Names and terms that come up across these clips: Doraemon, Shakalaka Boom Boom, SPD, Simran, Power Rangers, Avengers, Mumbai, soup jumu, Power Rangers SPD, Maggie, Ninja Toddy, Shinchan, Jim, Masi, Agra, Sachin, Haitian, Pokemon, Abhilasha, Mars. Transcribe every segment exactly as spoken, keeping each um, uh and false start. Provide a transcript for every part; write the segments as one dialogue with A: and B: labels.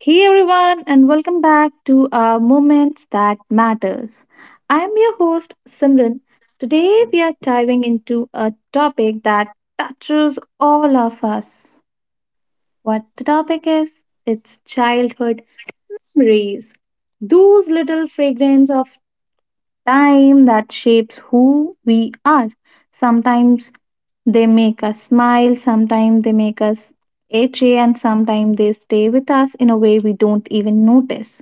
A: Hey everyone, and welcome back to our Moments That Matters. I am your host Simran. Today we are diving into a topic that touches all of us. What the topic is? It's childhood memories. Those little fragments of time that shapes who we are. Sometimes they make us smile, sometimes they make us itchy, and sometimes they stay with us in a way we don't even notice.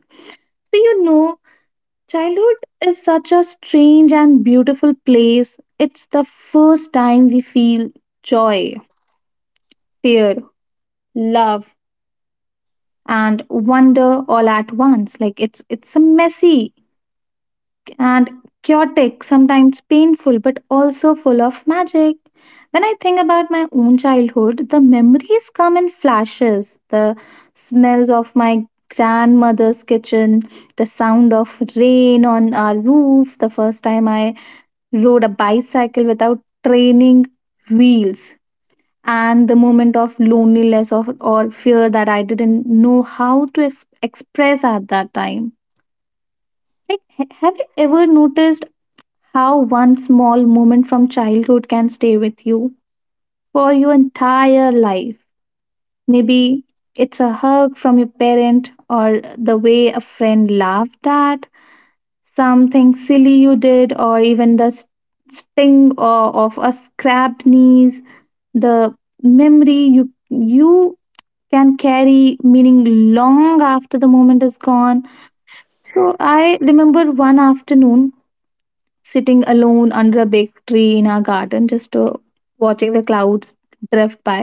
A: So, you know, childhood is such a strange and beautiful place. It's the first time we feel joy, fear, love, and wonder all at once. Like it's it's a messy and chaotic, sometimes painful, but also full of magic. When I think about my own childhood, the memories come in flashes. The smells of my grandmother's kitchen, the sound of rain on our roof, the first time I rode a bicycle without training wheels, and the moment of loneliness of, or fear that I didn't know how to ex- express at that time. Like, ha- have you ever noticed how one small moment from childhood can stay with you for your entire life? Maybe it's a hug from your parent, or the way a friend laughed at something silly you did, or even the s- sting uh, of a scrapped knee, the memory you you can carry meaning long after the moment is gone. So I remember one afternoon sitting alone under a big tree in our garden, just uh, watching the clouds drift by.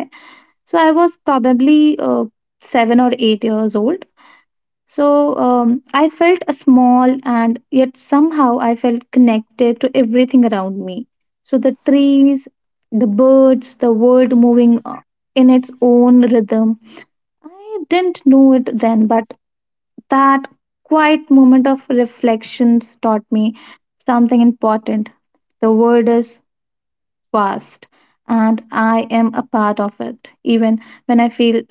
A: So I was probably uh, seven or eight years old. So um, I felt a small and yet somehow I felt connected to everything around me. So the trees, the birds, the world moving uh, in its own rhythm. I didn't know it then, but that quiet moment of reflections taught me something important. The world is vast and I am a part of it, even when I feel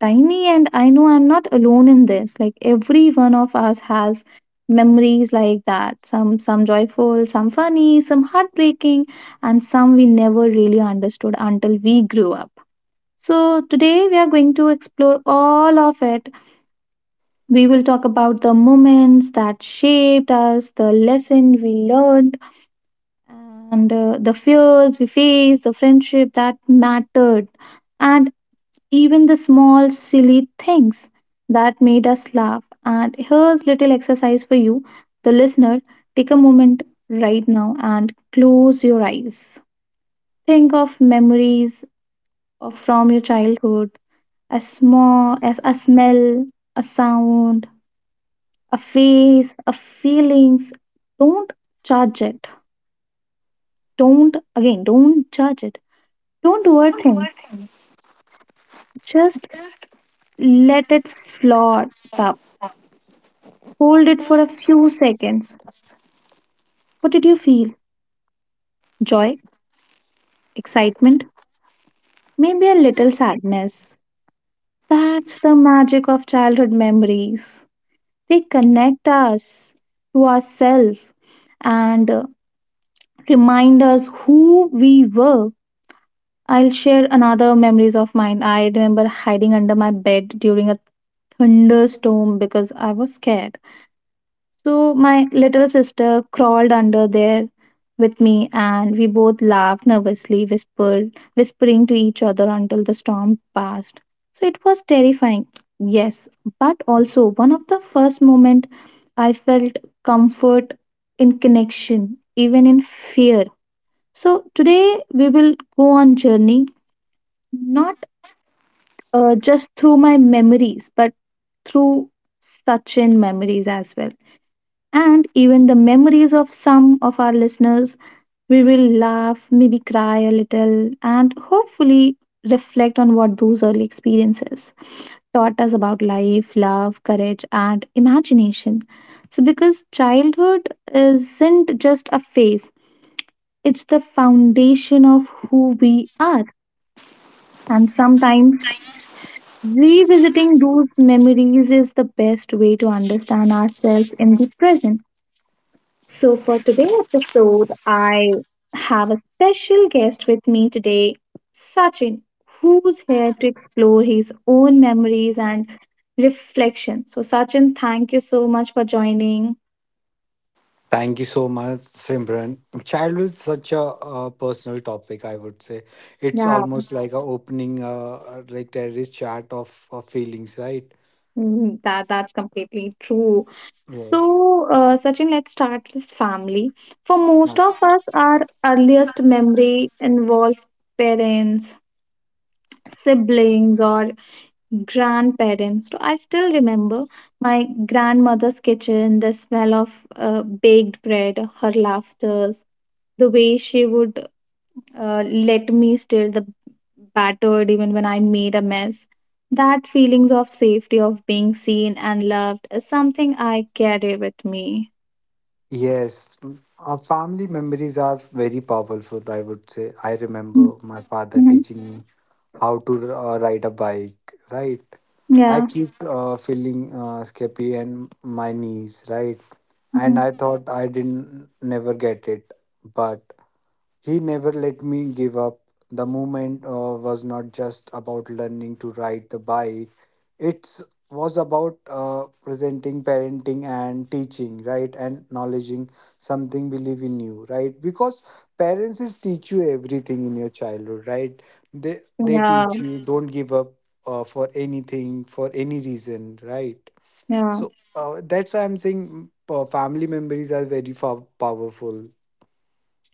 A: tiny. And I know I'm not alone in this. Like every one of us has memories like that, some some joyful, some funny, some heartbreaking, and some we never really understood until we grew up. So today we are going to explore all of it. We will talk about the moments that shaped us, the lesson we learned, and uh, the fears we faced, the friendship that mattered, and even the small, silly things that made us laugh. And here's little exercise for you, the listener. Take a moment right now and close your eyes. Think of memories of, from your childhood, a small, as a smell, a sound, a face, a feelings. Don't judge it. Don't again. Don't judge it. Don't overthink. Just let it float up. Hold it for a few seconds. What did you feel? Joy? Excitement? Maybe a little sadness? That's the magic of childhood memories. They connect us to ourselves and uh, remind us who we were. I'll share another memories of mine. I remember hiding under my bed during a thunderstorm because I was scared. So my little sister crawled under there with me and we both laughed nervously, whispered, whispering to each other until the storm passed. So it was terrifying, yes, but also one of the first moment I felt comfort in connection, even in fear. So today we will go on journey, not uh, just through my memories, but through such in memories as well, and even the memories of some of our listeners. We will laugh, maybe cry a little, and hopefully reflect on what those early experiences taught us about life, love, courage, and imagination. So, because childhood isn't just a phase, it's the foundation of who we are. And sometimes revisiting those memories is the best way to understand ourselves in the present. So, for today's episode, I have a special guest with me today, Sachin, who's here to explore his own memories and reflection. So, Sachin, thank you so much for joining.
B: Thank you so much, Simran. Childhood is such a, uh personal topic, I would say. It's
A: Yeah,
B: almost like a opening, uh, uh, like terrorist chart of, of feelings, right?
A: mm, that that's completely true.
B: Yes.
A: So, uh, Sachin, let's start with family. For most of
B: Okay.
A: us, our earliest memory involves parents, siblings, or grandparents. So I still remember my grandmother's kitchen, the smell of uh, baked bread, her laughters, the way she would uh, let me stir the battered even when I made a mess. That feelings of safety, of being seen and loved, is something I carry with me.
B: Yes, mm, our family memories are very powerful, I would say. I remember my father
A: Mhm.
B: teaching me how to uh, ride a bike, right? I
A: Yeah.
B: keep uh, feeling uh, scabby and my knees, right?
A: Mhm.
B: And I thought I didn't never get it, but he never let me give up. The movement uh, was not just about learning to ride the bike, it was about uh, presenting, parenting, and teaching, right? And acknowledging something believe in you, right? Because parents is teach you everything in your childhood, right? They, they
A: Yeah.
B: teach you don't give up uh, for anything, for any reason, right?
A: Yeah.
B: So uh, that's why I'm saying mm, pa- family memories are very fa- powerful,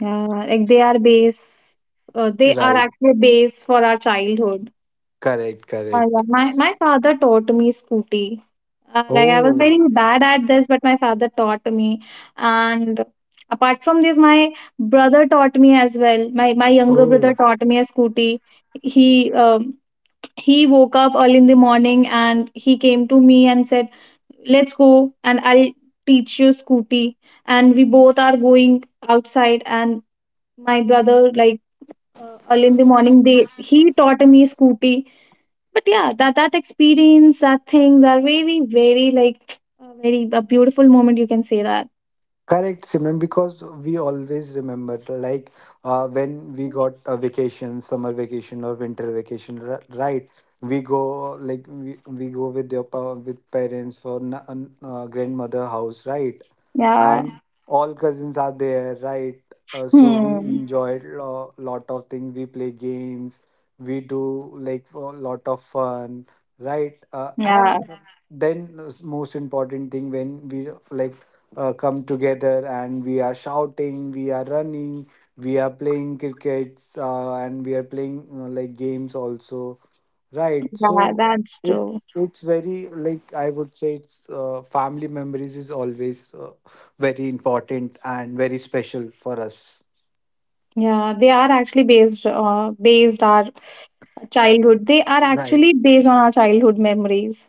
A: Yeah. Like they are base, uh, they are
B: right?
A: actually base for our childhood.
B: Correct,
A: Uh, yeah,
B: correct.
A: my my father taught me Scooty. Uh, like I was
B: Oh,
A: very bad at this, but my father taught me. And apart from this, my brother taught me as well. My my younger
B: oh,
A: brother taught me a Scooty. He um, he woke up early in the morning and he came to me and said, "Let's go, and I'll teach you Scooty." And we both are going outside, and my brother like uh, early in the morning, they he taught me Scooty. But yeah, that that experience, that things are very very like a very a beautiful moment, you can say that.
B: correct, Simran, because we always remember, like uh, when we got a vacation, summer vacation or winter vacation, r- right? We go like we, we go with your pa- with parents for na- an- uh, grandmother house, right?
A: Yeah.
B: And all cousins are there, right. Uh, so we
A: Hmm.
B: enjoy a lot of things, we play games, we do like a lot of fun, right. Uh,
A: Yeah.
B: and yeah. Then s- most important thing when we like uh, come together, and we are shouting, we are running, we are playing crickets, uh, and we are playing uh, like games also. Right.
A: Yeah.
B: So
A: That's true.
B: it's it's very like I would say it's uh, family memories is always uh, very important and very special for us.
A: Yeah, they are actually based uh, based our childhood. They are
B: Right.
A: actually based on our childhood memories.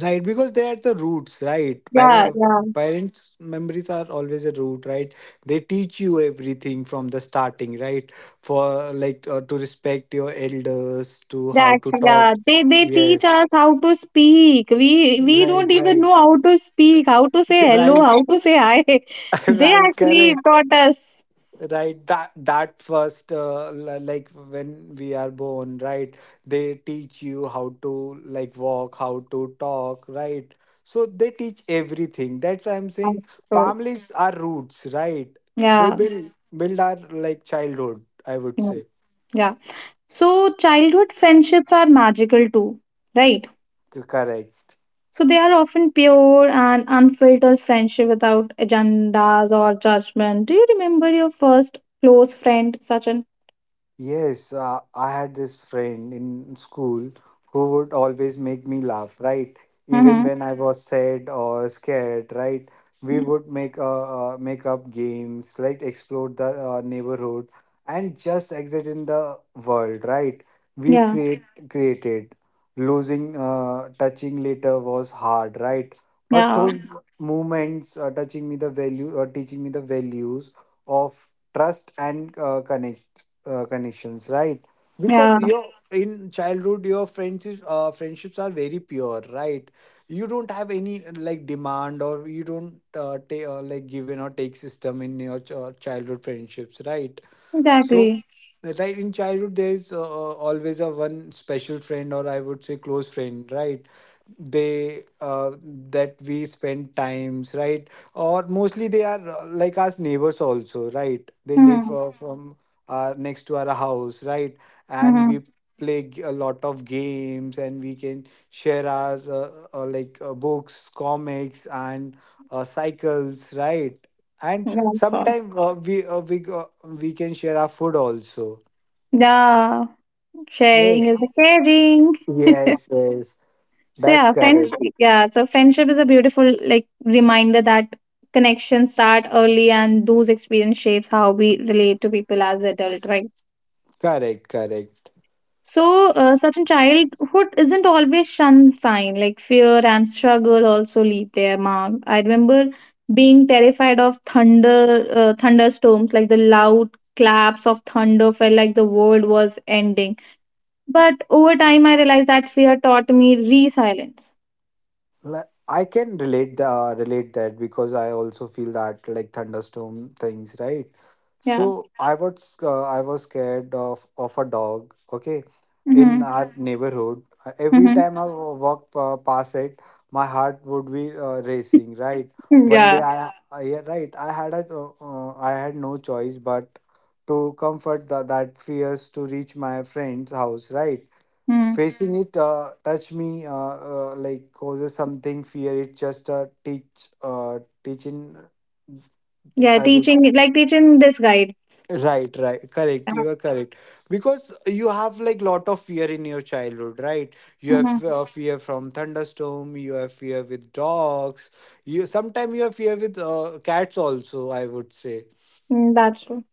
B: Right, because they are the roots, right?
A: Yeah.
B: Par-
A: Yeah.
B: parents' memories are always a root, right? They teach you everything from the starting, right? For like uh, to respect your elders, to
A: They
B: how to
A: actually,
B: talk.
A: yeah. They they teach
B: Yes.
A: us how to speak. We we don't
B: Right,
A: even
B: right,
A: know how to speak, how to say hello,
B: right,
A: how to say hi. They
B: right.
A: actually
B: Correct.
A: taught us.
B: Right, that that first, uh, li- like when we are born, right? They teach you how to like walk, how to talk, right? So they teach everything, that's why I'm saying
A: So
B: families are roots, right? They
A: yeah.
B: build build our like childhood, I would
A: Mm.
B: say.
A: Yeah. So childhood friendships are magical too, right?
B: Correct.
A: So they are often pure and unfiltered friendship without agendas or judgment. Do you remember your first close friend, Sachin?
B: Yes, uh, I had this friend in school who would always make me laugh, right? Even
A: Mm-hmm.
B: when I was sad or scared, right? We would make uh, uh, make up games, right? Explore the uh, neighborhood and just exit in the world, right? We
A: Yeah,
B: create created losing uh, touching later was hard, right? But
A: yeah,
B: those moments uh, touching me the value, uh, teaching me the values of trust and uh, connect uh, connections, right? Because
A: yeah,
B: your in childhood your friendships uh, friendships are very pure, right? You don't have any uh, like demand, or you don't uh, ta- uh, like give in or take system in your ch- uh, childhood friendships, right? So
A: exactly.
B: right, in childhood there is uh, uh, always a one special friend, or I would say close friend, right? They uh, that we spend times, right? Or mostly they are uh, like us neighbors also, right? They live
A: Mm-hmm.
B: uh, from uh, next to our house, right? And we
A: Mm-hmm.
B: play g- a lot of games, and we can share our uh, uh, like uh, books, comics, and uh, cycles, right? And
A: Yeah, of course.
B: sometimes uh, we uh, we go- we can share our food also.
A: Yeah, sharing
B: Yes,
A: is the caring.
B: yes, yes,
A: So
B: that's
A: yeah,
B: correct,
A: friendship. Yeah, so friendship is a beautiful like reminder that connections start early, and those experience shapes how we relate to people as adult, right?
B: correct, correct.
A: So uh, certain childhood isn't always sunshine. Like fear and struggle also leave their mark. I remember being terrified of thunder, uh, thunderstorms. Like the loud claps of thunder felt like the world was ending. But over time, I realized that fear taught me resilience.
B: Like, I can relate the relate that because I also feel that like thunderstorm things, right?
A: Yeah.
B: So I was uh, I was scared of of a dog. Okay, in
A: Mm-hmm.
B: our Mhm. neighborhood, Uh, every
A: Mm-hmm.
B: time I Mhm. walked uh, past it, my heart would be uh, racing. Right.
A: Hmm.
B: One day,
A: Yeah.
B: I, yeah, I yeah, right, I had a uh, uh, I had no choice but to comfort the, that fears to reach my friend's house. Right.
A: Mm.
B: Facing it, uh, touch me, uh, uh, like causes something fear, it just uh, teach, uh, teaching,
A: Yeah,
B: i would
A: teaching
B: s-
A: like teaching this guide.
B: right, right, correct, you are correct, because you have like lot of fear in your childhood, right? You have
A: Mm-hmm.
B: uh, fear from thunderstorm, you have fear with dogs, you sometimes you have fear with uh, cats also, I would say.
A: Mm, that's true.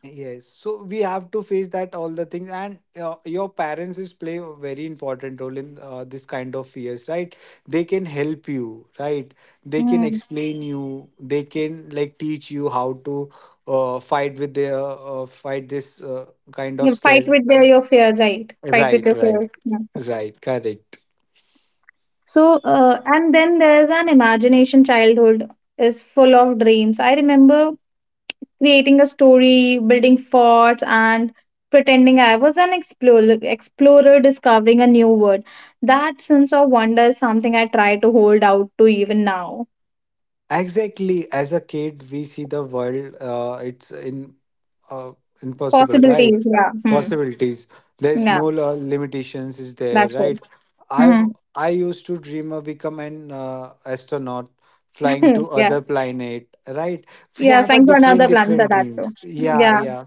B: Yes, so we have to face that all the things, and uh, your parents is play a very important role in uh, this kind of fears, right? They can help you, right? They can
A: Mm.
B: explain you. They can like teach you how to uh, fight with their uh, fight this uh, kind of
A: You fight
B: scare.
A: with their, your fear, right? Fight with
B: Right,
A: your
B: right,
A: fears. Yeah.
B: right. Correct.
A: So, uh, and then there's an imagination childhood is full of dreams. I remember creating a story, building forts, and pretending I was an explorer, explorer discovering a new world. That sense of wonder is something I try to hold out to even now.
B: Exactly. As a kid, we see the world. Uh, it's in uh, impossible, right?
A: Possibilities, yeah. Hmm.
B: Possibilities. There's
A: Yeah,
B: no lo- limitations, is there,
A: that's
B: right? I
A: true.
B: I used to dream of become an uh, astronaut, flying
A: Hmm,
B: to
A: yeah.
B: other planet, right? We
A: Yeah.
B: have a
A: Thank to
B: different
A: another plan for
B: different
A: that too.
B: dreams. Yeah,
A: Yeah.
B: yeah.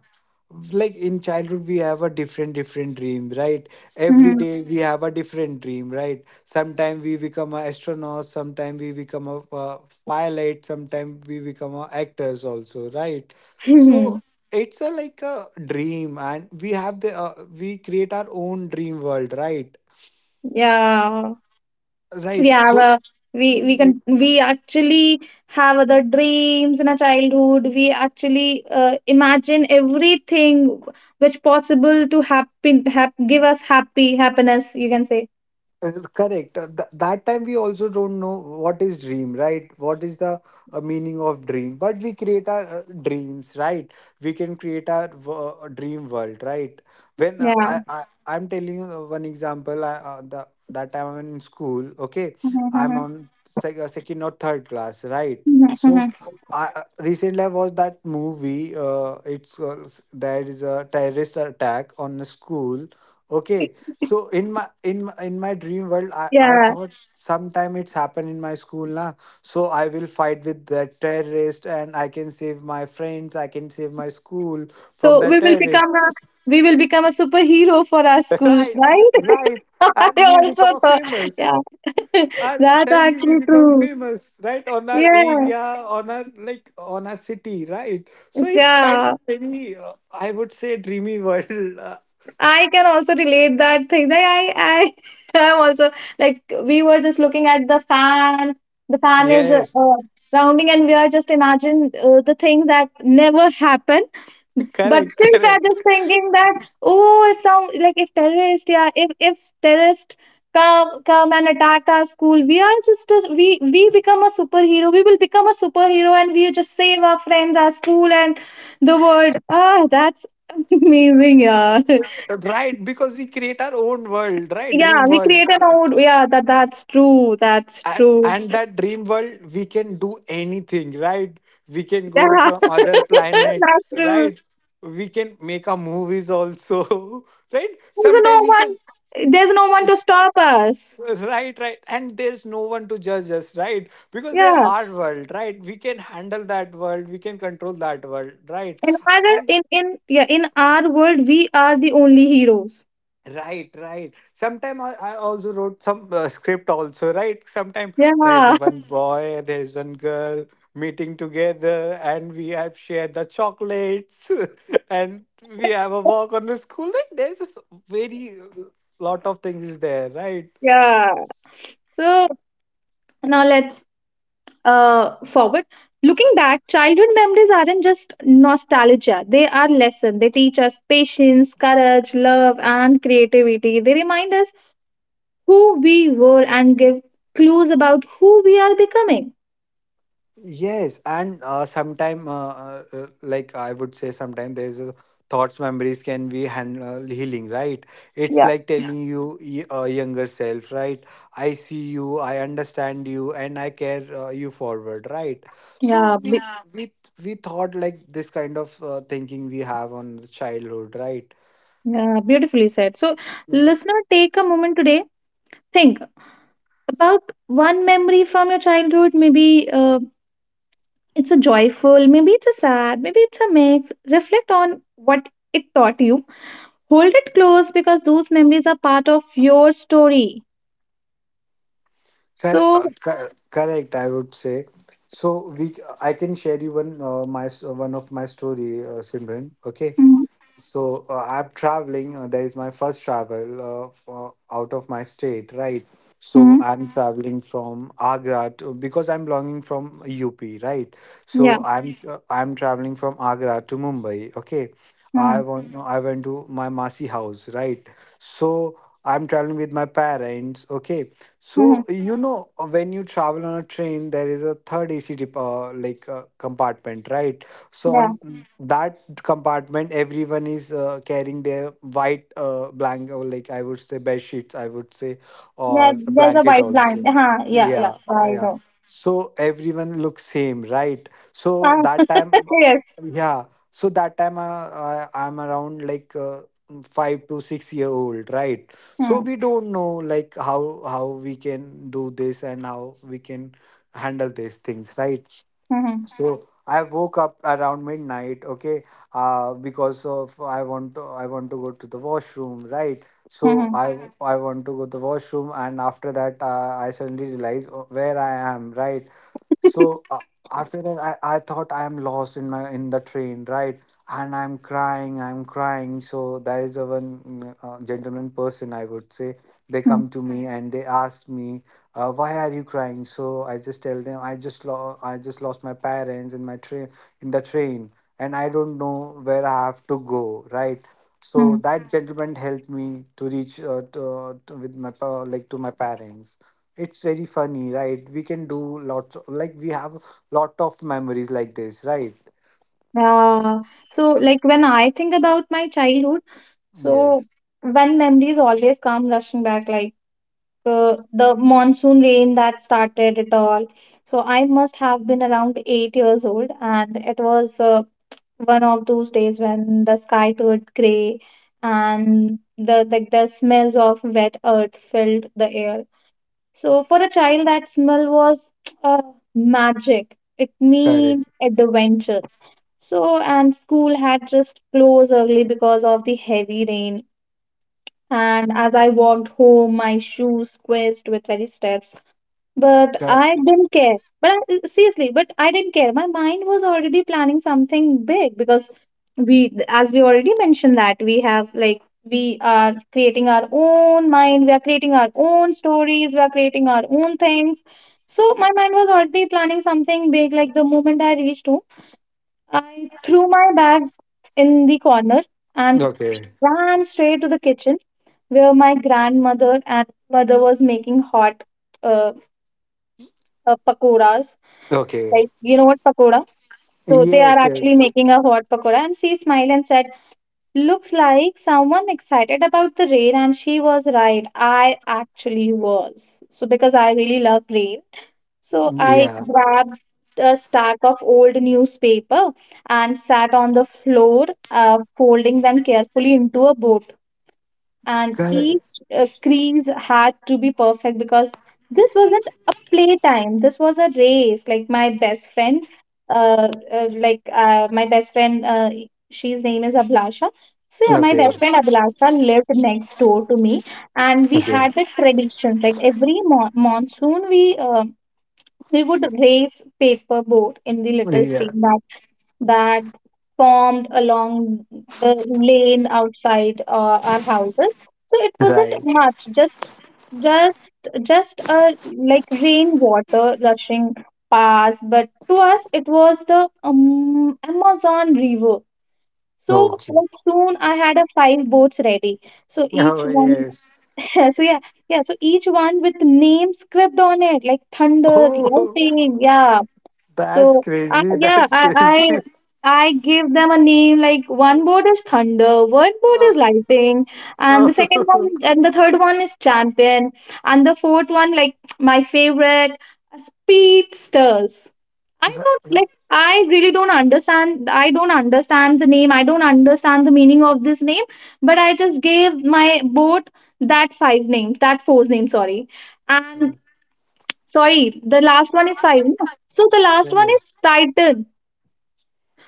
B: Like in childhood, we have a different different dream, right? Every
A: Mhm.
B: day we have a different dream, right? Sometime we become an astronaut, sometime we become a uh, pilot, sometime we become a actors also, right? So it's a like a dream, and we have the uh, we create our own dream world, right?
A: Yeah. We
B: Right.
A: have
B: So.
A: a, we we can, we actually have other dreams in our childhood. We actually uh, imagine everything which possible to happen, hap, give us happy happiness. You can say.
B: Uh, Correct. Uh, th- that time we also don't know what is dream, right? What is the uh, meaning of dream? But we create our uh, dreams, right? We can create our wo- uh, dream world, right? When uh,
A: Yeah.
B: I, I I'm telling you uh, one example. I, uh, the That time I'm in school. Okay, I'm on sec- uh, second or third class, right?
A: Mhm, mhm,
B: So.
A: mhm.
B: I, uh, recently, I watched that movie. Uh, it's uh, s- there is a terrorist attack on a school. Okay, so in my in my- in my dream world, I I
A: Yeah.
B: thought sometime it's happened in my school na. So I will fight with that terrorist and I can save my friends. I can save my school from
A: So
B: the
A: we will become a,
B: terrorists.
A: we will become a superhero for our schools,
B: Right,
A: right?
B: right.
A: I
B: And we
A: also
B: become a
A: thought,
B: famous.
A: yeah,
B: And
A: that's
B: suddenly we
A: actually
B: become
A: true.
B: famous, right? On our
A: Yeah,
B: area, on our like on our city, right? So it's kind
A: yeah.
B: of very, uh, I would say, dreamy world.
A: I can also relate that thing. Like I, I, I'm also like we were just looking at the fan. The fan is uh,
B: Yes,
A: uh, rounding, and we are just imagine uh, the things that never happen. But
B: correct,
A: still, we are
B: correct.
A: just thinking that, oh, if some like if terrorists, yeah, if if terrorists come come and attack our school, we are just a, we we become a superhero. We will become a superhero, and we just save our friends, our school, and the world. Ah, that's amazing, yeah.
B: Right, because we create our own world, right,
A: Yeah,
B: dream
A: we
B: world.
A: create an old. Yeah, that that's true. That's
B: and,
A: true.
B: and that dream world, we can do anything, right? We can go
A: Yeah,
B: from other
A: that's
B: planets,
A: true.
B: right? We can make our movies also, right,
A: There's no
B: sometimes we can.
A: one. There's no one to stop us.
B: Right, right. And there's no one to judge us, right? Because they're
A: Yeah.
B: our world, right? We can handle that world, we can control that world, right?
A: In
B: Uh,
A: our
B: And
A: in in yeah in our world we are the only heroes.
B: right, right. Sometime I, I also wrote some uh, script also, right? Sometime there is a
A: Yeah,
B: one boy, there is one girl meeting together, and we have shared the chocolates, and we have a walk on the school. Like, There is a s- very, uh, lot of things is there, right?
A: yeah. So now let's uh forward. Looking back, childhood memories aren't just nostalgia. They are lesson. They teach us patience, courage, love, and creativity. They remind us who we were and give clues about who we are becoming.
B: Yes, and uh, sometime, uh, uh, uh, like I would say, sometime there's a thoughts, memories can be hand, uh, healing, right? It's
A: Yeah.
B: like yeah, telling you y- uh, younger self, right? I see you, I understand you, and I care uh, you forward, right?
A: Yeah,
B: So we,
A: be-
B: yeah, we we thought like this kind of, uh, thinking we have on the childhood, right?
A: yeah, beautifully said. So, listener, take a moment today. Think about one memory from your childhood. Maybe uh, it's a joyful, maybe it's a sad, maybe it's a mix. Reflect on what it taught you. Hold it close, because those memories are part of your story.
B: Cor-
A: So
B: uh, cor- correct, I would say. So we, I can share you one, uh, my s- one of my story, uh, Simran. Okay. So uh, I'm traveling. Uh, that is my first travel, uh, uh, out of my state, right? So
A: mm-hmm,
B: I'm traveling from Agra to, because I'm belonging from U P, right?
A: yeah,
B: So I'm tra- I'm traveling from Agra to Mumbai. Okay,
A: hmm,
B: I want I went to my Masi house, right? So I'm traveling with my parents. Okay,
A: hmm.
B: so you know uh, when you travel on a train, there is a third A C, dep- uh, like uh, compartment, right? So
A: Yeah.
B: on that compartment, everyone is uh, carrying their white, uh, blanket, or like I would say bed sheets, I would say,
A: There,
B: or a
A: there's a
B: blanket
A: white
B: also.
A: blind. Huh. Yeah. Yeah.
B: Yeah,
A: I
B: yeah.
A: know.
B: So everyone looks same, right? So
A: Huh.
B: that time,
A: Yes.
B: yeah, so that time uh, I, I'm around like, uh, five to six year old, right? So
A: Hmm,
B: we don't know like how how we can do this and how we can handle these things, right?
A: hmm.
B: So I woke up around midnight, okay, uh, because of I want to I want to go to the washroom, right? So
A: Mm-hmm.
B: I Mhm. I want to go to the washroom, and after that, uh, I suddenly realize oh, where I am, right? So uh, after that, I, I thought I am lost in my in the train, right? And I'm crying, I'm crying. So there is a one, mm, uh, gentleman person I would say, they come to me and they ask me, uh, "Why are you crying?" So I just tell them, "I just lo- I just lost my parents in my train in the train, and I don't know where I have to go." Right. So
A: Mm-hmm.
B: that gentleman helped me to reach uh, to, to, with my pa- like to my parents. It's very funny, right? We can do lots of, like we have lot of memories like this, right?
A: Uh, so like when I think about my childhood. So
B: Yes,
A: when memories always come rushing back, like uh, the monsoon rain that started it all. So I must have been around eight years old, and it was uh, one of those days when the sky turned gray and the like the smells of wet earth filled the air. So for a child, that smell was uh, magic. It meant
B: correct.
A: adventures. So, and school had just closed early because of the heavy rain, and as I walked home, my shoes squeezed with very steps. But
B: Cor-
A: I didn't care. But I, seriously, but I didn't care. My mind was already planning something big because we, as we already mentioned, that we have like we are creating our own mind, we are creating our own stories, we are creating our own things. So my mind was already planning something big. Like the moment I reached home. I threw my bag in the corner and
B: okay,
A: ran straight to the kitchen where my grandmother and mother was making hot uh, uh, pakoras.
B: okay.
A: Like, you know what pakoda? So they are
B: Yes,
A: actually
B: yes.
A: making a hot pakoda, and she smiled and said, looks like someone excited about the rain. And she was right. I actually was. So because I really love rain. So I
B: Yeah,
A: grabbed a stack of old newspaper and sat on the floor, uh, folding them carefully into a boat. And
B: correct.
A: each uh, crease had to be perfect because this wasn't a playtime. This was a race. Like my best friend, uh, uh, like uh, my best friend, uh, she's name is Ablasha. So yeah, my
B: Okay,
A: best friend Abhilasha lived next door to me, and we
B: okay.
A: had the tradition. Like every mo monsoon, we uh, we would raise paper boat in the little
B: Yeah,
A: stream that that formed along the lane outside uh, our houses. So it wasn't
B: right.
A: much, just just just a like rainwater rushing past, but to us it was the um, Amazon River. So
B: Okay.
A: like soon I had a five boats ready. So each
B: Oh,
A: one,
B: yes.
A: so yeah, yeah. So each one with names scribbled on it, like thunder,
B: Oh,
A: lightning, yeah,
B: that's
A: so I
B: crazy.
A: yeah,
B: That's
A: I I
B: crazy.
A: I give them a name like one board is thunder, one board is Lightning, and
B: Oh,
A: the second
B: oh.
A: one and the third one is champion, and the fourth one like my favorite speedsters. I don't like I really don't understand I don't understand the name. I don't understand the meaning of this name, but I just gave my boat that five names, that four names, sorry. And sorry, the last one is five. No? So the last one is
B: Yes.
A: Titan.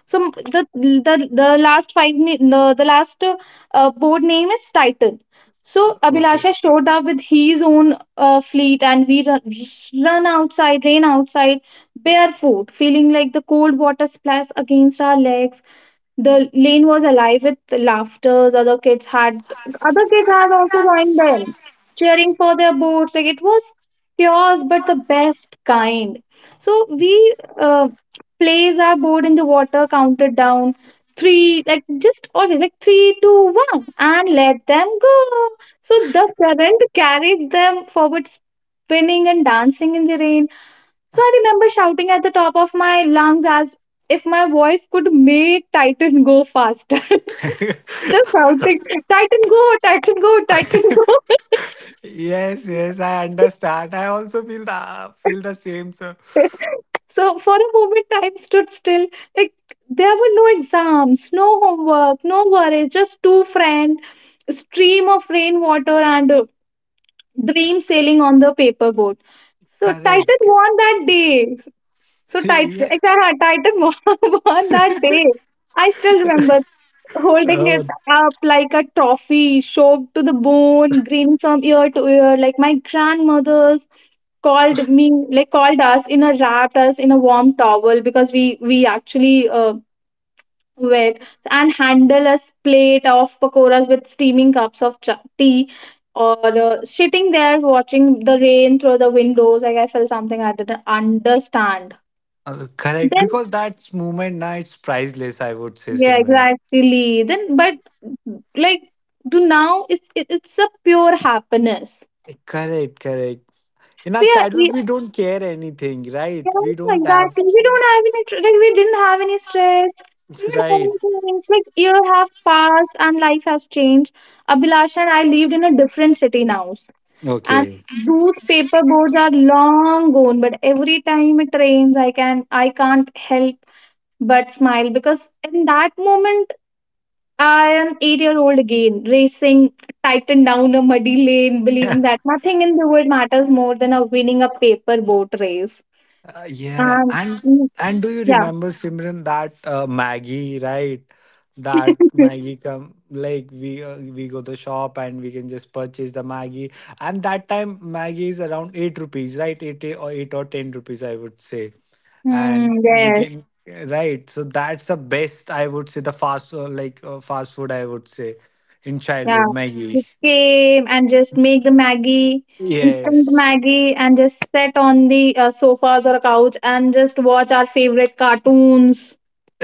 A: So m- the the the last five na- the, the last uh, uh, board name is Titan. So
B: Okay.
A: Abhilasha showed up with his own uh, fleet, and we run, run outside, rain outside, barefoot, feeling like the cold water splash against our legs. The lane was alive with laughter. Other kids had other kids had also joined them, cheering for their boats. Like it was chaos, but the best kind. So we uh, placed our board in the water, counted down three, like just always like three, two, one, and let them go. So the current carried them forward, spinning and dancing in the rain. So I remember shouting at the top of my lungs as if my voice could make Titan go faster. Just shouting, Titan go, Titan go, Titan go.
B: Yes, yes, I understand. I also feel the feel the same, sir.
A: so for a moment, time stood still. Like there were no exams, no homework, no worries, just two friends, stream of rainwater and uh, dream sailing on the paperboard. So Titan
B: Correct.
A: won that day. So Titan,
B: Yeah.
A: Titan won won that day. I still remember holding it
B: Oh,
A: up like a trophy, soaked to the bone, green from ear to ear. Like my grandmothers called me, like called us in a wrapped us in a warm towel because we we actually uh, wet and handle a plate of pakoras with steaming cups of cha- tea. Or uh, sitting there watching the rain through the windows, like I felt something I didn't understand.
B: uh, correct.
A: Then
B: Because that's moment now it's priceless, I would say,
A: yeah,
B: Simran.
A: exactly. Then, but like to now, it's it, it's a pure happiness.
B: Correct, correct. In our
A: So yeah,
B: childhood,
A: we,
B: we don't care anything, right?
A: yeah,
B: We don't have.
A: exactly. We don't have any tr- like we didn't have any stress. We
B: It's
A: didn't have
B: right.
A: any feelings. Like year have passed and life has changed. Abhilasha and I lived in a different city now, and
B: Okay.
A: those paper boards are long gone. But every time it rains, I can I can't help but smile because in that moment I am eight-year-old again, racing tightened down a muddy lane, believing that nothing in the world matters more than a winning a paper boat race.
B: Uh, yeah,
A: Um.
B: and
A: mm,
B: and do you
A: yeah.
B: remember Simran that uh, Maggie, right? That Maggie come like we uh, we go to shop and we can just purchase the Maggie, and that time Maggie is around eight rupees, right? Eight or eight or ten rupees, I would say,
A: Hmm,
B: and we
A: yes,
B: can. Right. So that's the best, I would say, the fast uh, like uh, fast food, I would say, in
A: yeah.
B: childhood Maggie.
A: We came and just make the Maggie, instant
B: Yes,
A: Maggie, and just sit on the uh, sofas or couch and just watch our favorite cartoons.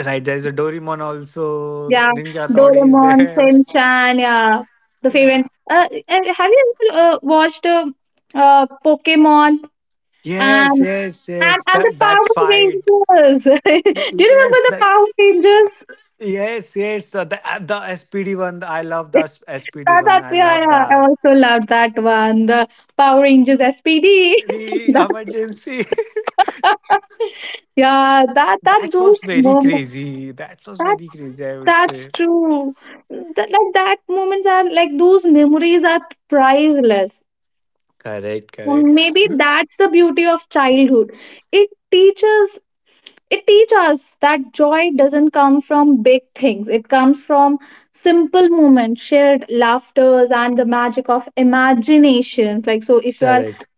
B: right. There's a Doraemon also.
A: Yeah,
B: Ninja Toddy is
A: Doraemon,
B: there.
A: Shinchan, yeah, the favorite.
B: Yeah.
A: Uh, uh, have you ever uh, watched uh, uh, Pokemon and
B: Yes, yes,
A: and
B: yes.
A: and the
B: That that
A: Power
B: fight.
A: Rangers? Do you remember
B: Yes,
A: the
B: that.
A: Power Rangers?
B: Yes, yes. The the, uh, the S P D one. I love that S P D
A: That,
B: one.
A: that's
B: I
A: yeah,
B: love
A: yeah. I
B: that.
A: also loved that one. The Power Rangers S P D.
B: The
A: that's
B: emergency.
A: yeah. That that
B: That
A: those
B: was very
A: moments.
B: crazy. That was
A: That
B: very crazy, I would
A: that's
B: say.
A: true. That, like that moments are like those memories are priceless.
B: Correct. Correct.
A: Maybe that's the beauty of childhood. It teaches it teaches us that joy doesn't come from big things. It comes from simple moments, shared laughters, and the magic of imaginations. Like so if you are
B: Correct.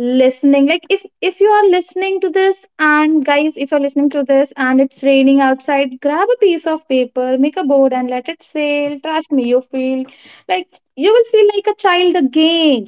A: listening like if if you are listening to this, and guys, if you're listening to this and it's raining outside, grab a piece of paper, make a board, and let it sail. Trust me, you feel like you will feel like a child again.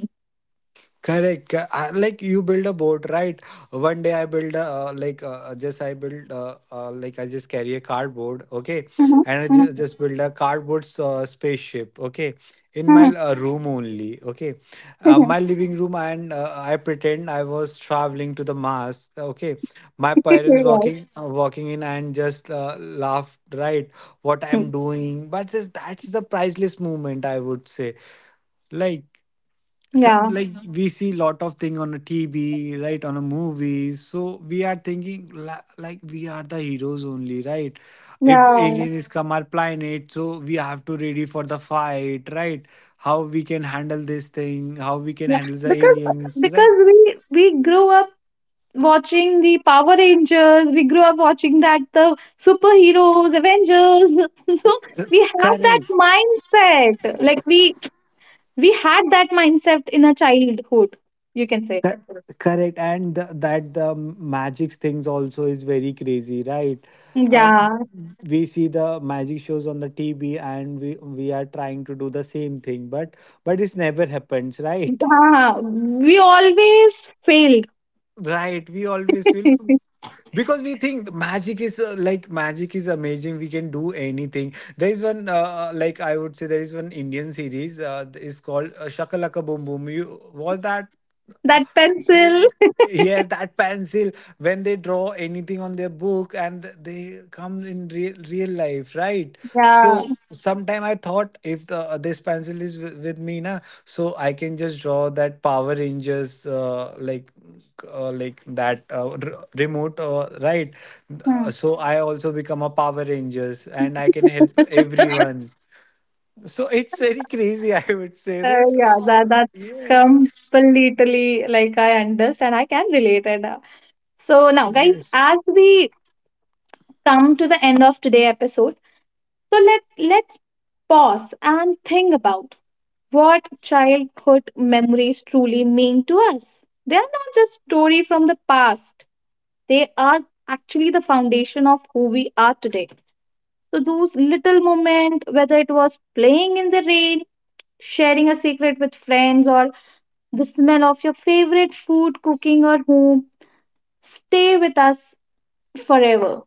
B: Correct. co- I- Like you build a board, right? One day I build a uh, like uh, uh, just I build uh, uh, like I just carry a cardboard, okay,
A: Mhm,
B: and I just, just build a cardboard uh, spaceship, okay, in my
A: mhm,
B: uh, room only, okay, uh,
A: mhm.
B: my living room, and uh, I pretend I was traveling to the Mars, okay, my parents
A: Right.
B: walking uh, walking in and just uh, laughed, right, what
A: Hmm.
B: I'm doing, but this, that's the priceless moment I would say, like some,
A: Yeah,
B: like, Mhm. we see lot of thing on a T V, right, on a movie. So we are thinking, la- like, we are the heroes only, right? If
A: yeah,
B: alien is Mhm. come our planet, so we have to ready for the fight, right? How we can handle this thing, how we can
A: yeah.
B: handle the
A: Because
B: aliens,
A: because
B: right?
A: we we grew up watching the Power Rangers. We grew up watching that the superheroes, Avengers. So we have that
B: Correct.
A: mindset. Like we we had that mindset in a childhood. You can say.
B: Cor- Correct, and the, that the magic things also is very crazy, right? Uh,
A: Yeah,
B: we see the magic shows on the T V, and we we are trying to do the same thing, but but it's never happens, right?
A: yeah. We always failed.
B: Right, we always will because we think the magic is uh, like magic is amazing. We can do anything. There is one uh, uh, like I would say there is one Indian series uh, is called uh, Shakalaka Boom Boom. You was that?
A: That pencil.
B: Yes, that pencil, when they draw anything on their book and they come in real, real life, right?
A: Yeah.
B: So sometime I thought if the uh, this pencil is with, with me na, so I can just draw that Power Rangers uh, like uh, like that uh, r- remote, uh, right? Uh,
A: Hmm.
B: so I also become a Power Rangers and I can help everyone. So it's very crazy, I would say.
A: Uh,
B: There's
A: yeah, that
B: lot.
A: that's
B: Yes.
A: completely like I understand. I can relate it. Uh, So now, guys,
B: Yes.
A: as we come to the end of today episode, so let let's pause and think about what childhood memories truly mean to us. They are not just story from the past. They are actually the foundation of who we are today. So those little moments, whether it was playing in the rain, sharing a secret with friends, or the smell of your favorite food cooking at home, stay with us forever.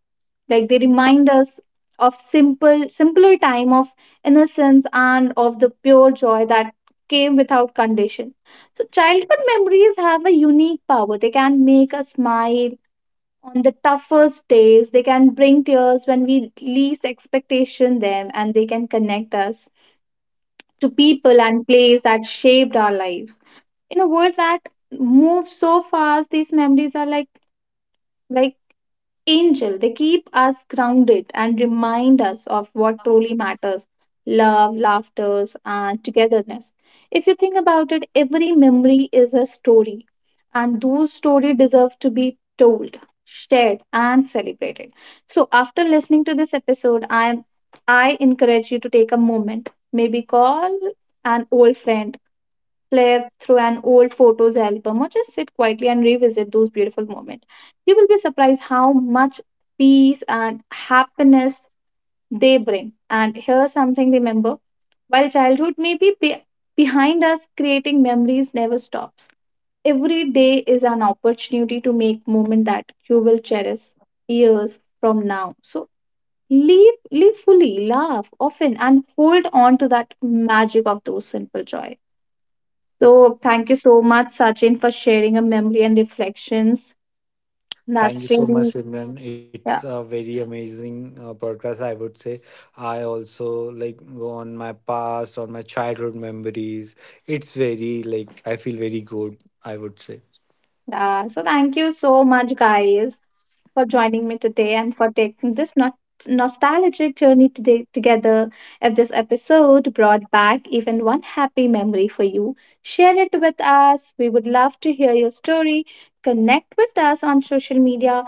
A: Like they remind us of simple simpler time, of innocence, and of the pure joy that came without condition. So childhood memories have a unique power. They can make us smile on the toughest days. They can bring tears when we least expectation them, and they can connect us to people and place that shaped our life. In a world that moves so fast, these memories are like like angel. They keep us grounded and remind us of what truly matters: love, laughter, and togetherness. If you think about it, every memory is a story, and those stories deserve to be told, shared, and celebrated. So after listening to this episode, i am i encourage you to take a moment, maybe call an old friend, play through an old photos album, or just sit quietly and revisit those beautiful moments. You will be surprised how much peace and happiness they bring. And here's something: remember, while childhood may be be- behind us, creating memories never stops. Every day is an opportunity to make moment that you will cherish years from now. So live, live fully, laugh often, and hold on to that magic of those simple joys. So thank you so much, Sachin, for sharing a memory and reflections.
B: Thank
A: That's
B: you so much,
A: really
B: Simran. It's a
A: yeah.
B: very amazing uh, podcast, I would say. I also like go on my past, on my childhood memories. It's very like I feel very good, I would say.
A: Uh, so thank you so much, guys, for joining me today and for taking this not- nostalgic journey today together. If this episode brought back even one happy memory for you, share it with us. We would love to hear your story. Connect with us on social media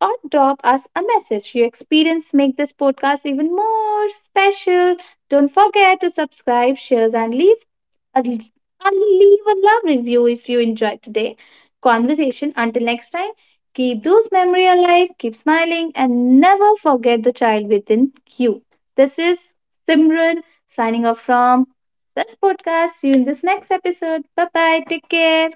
A: or drop us a message. Your experience make this podcast even more special. Don't forget to subscribe, share, and leave and and leave a love review if you enjoyed today conversation. Until next time, keep those memories alive, keep smiling, and never forget the child within you. This is Simran signing off from this podcast. See you in this next episode. Bye bye. Take care.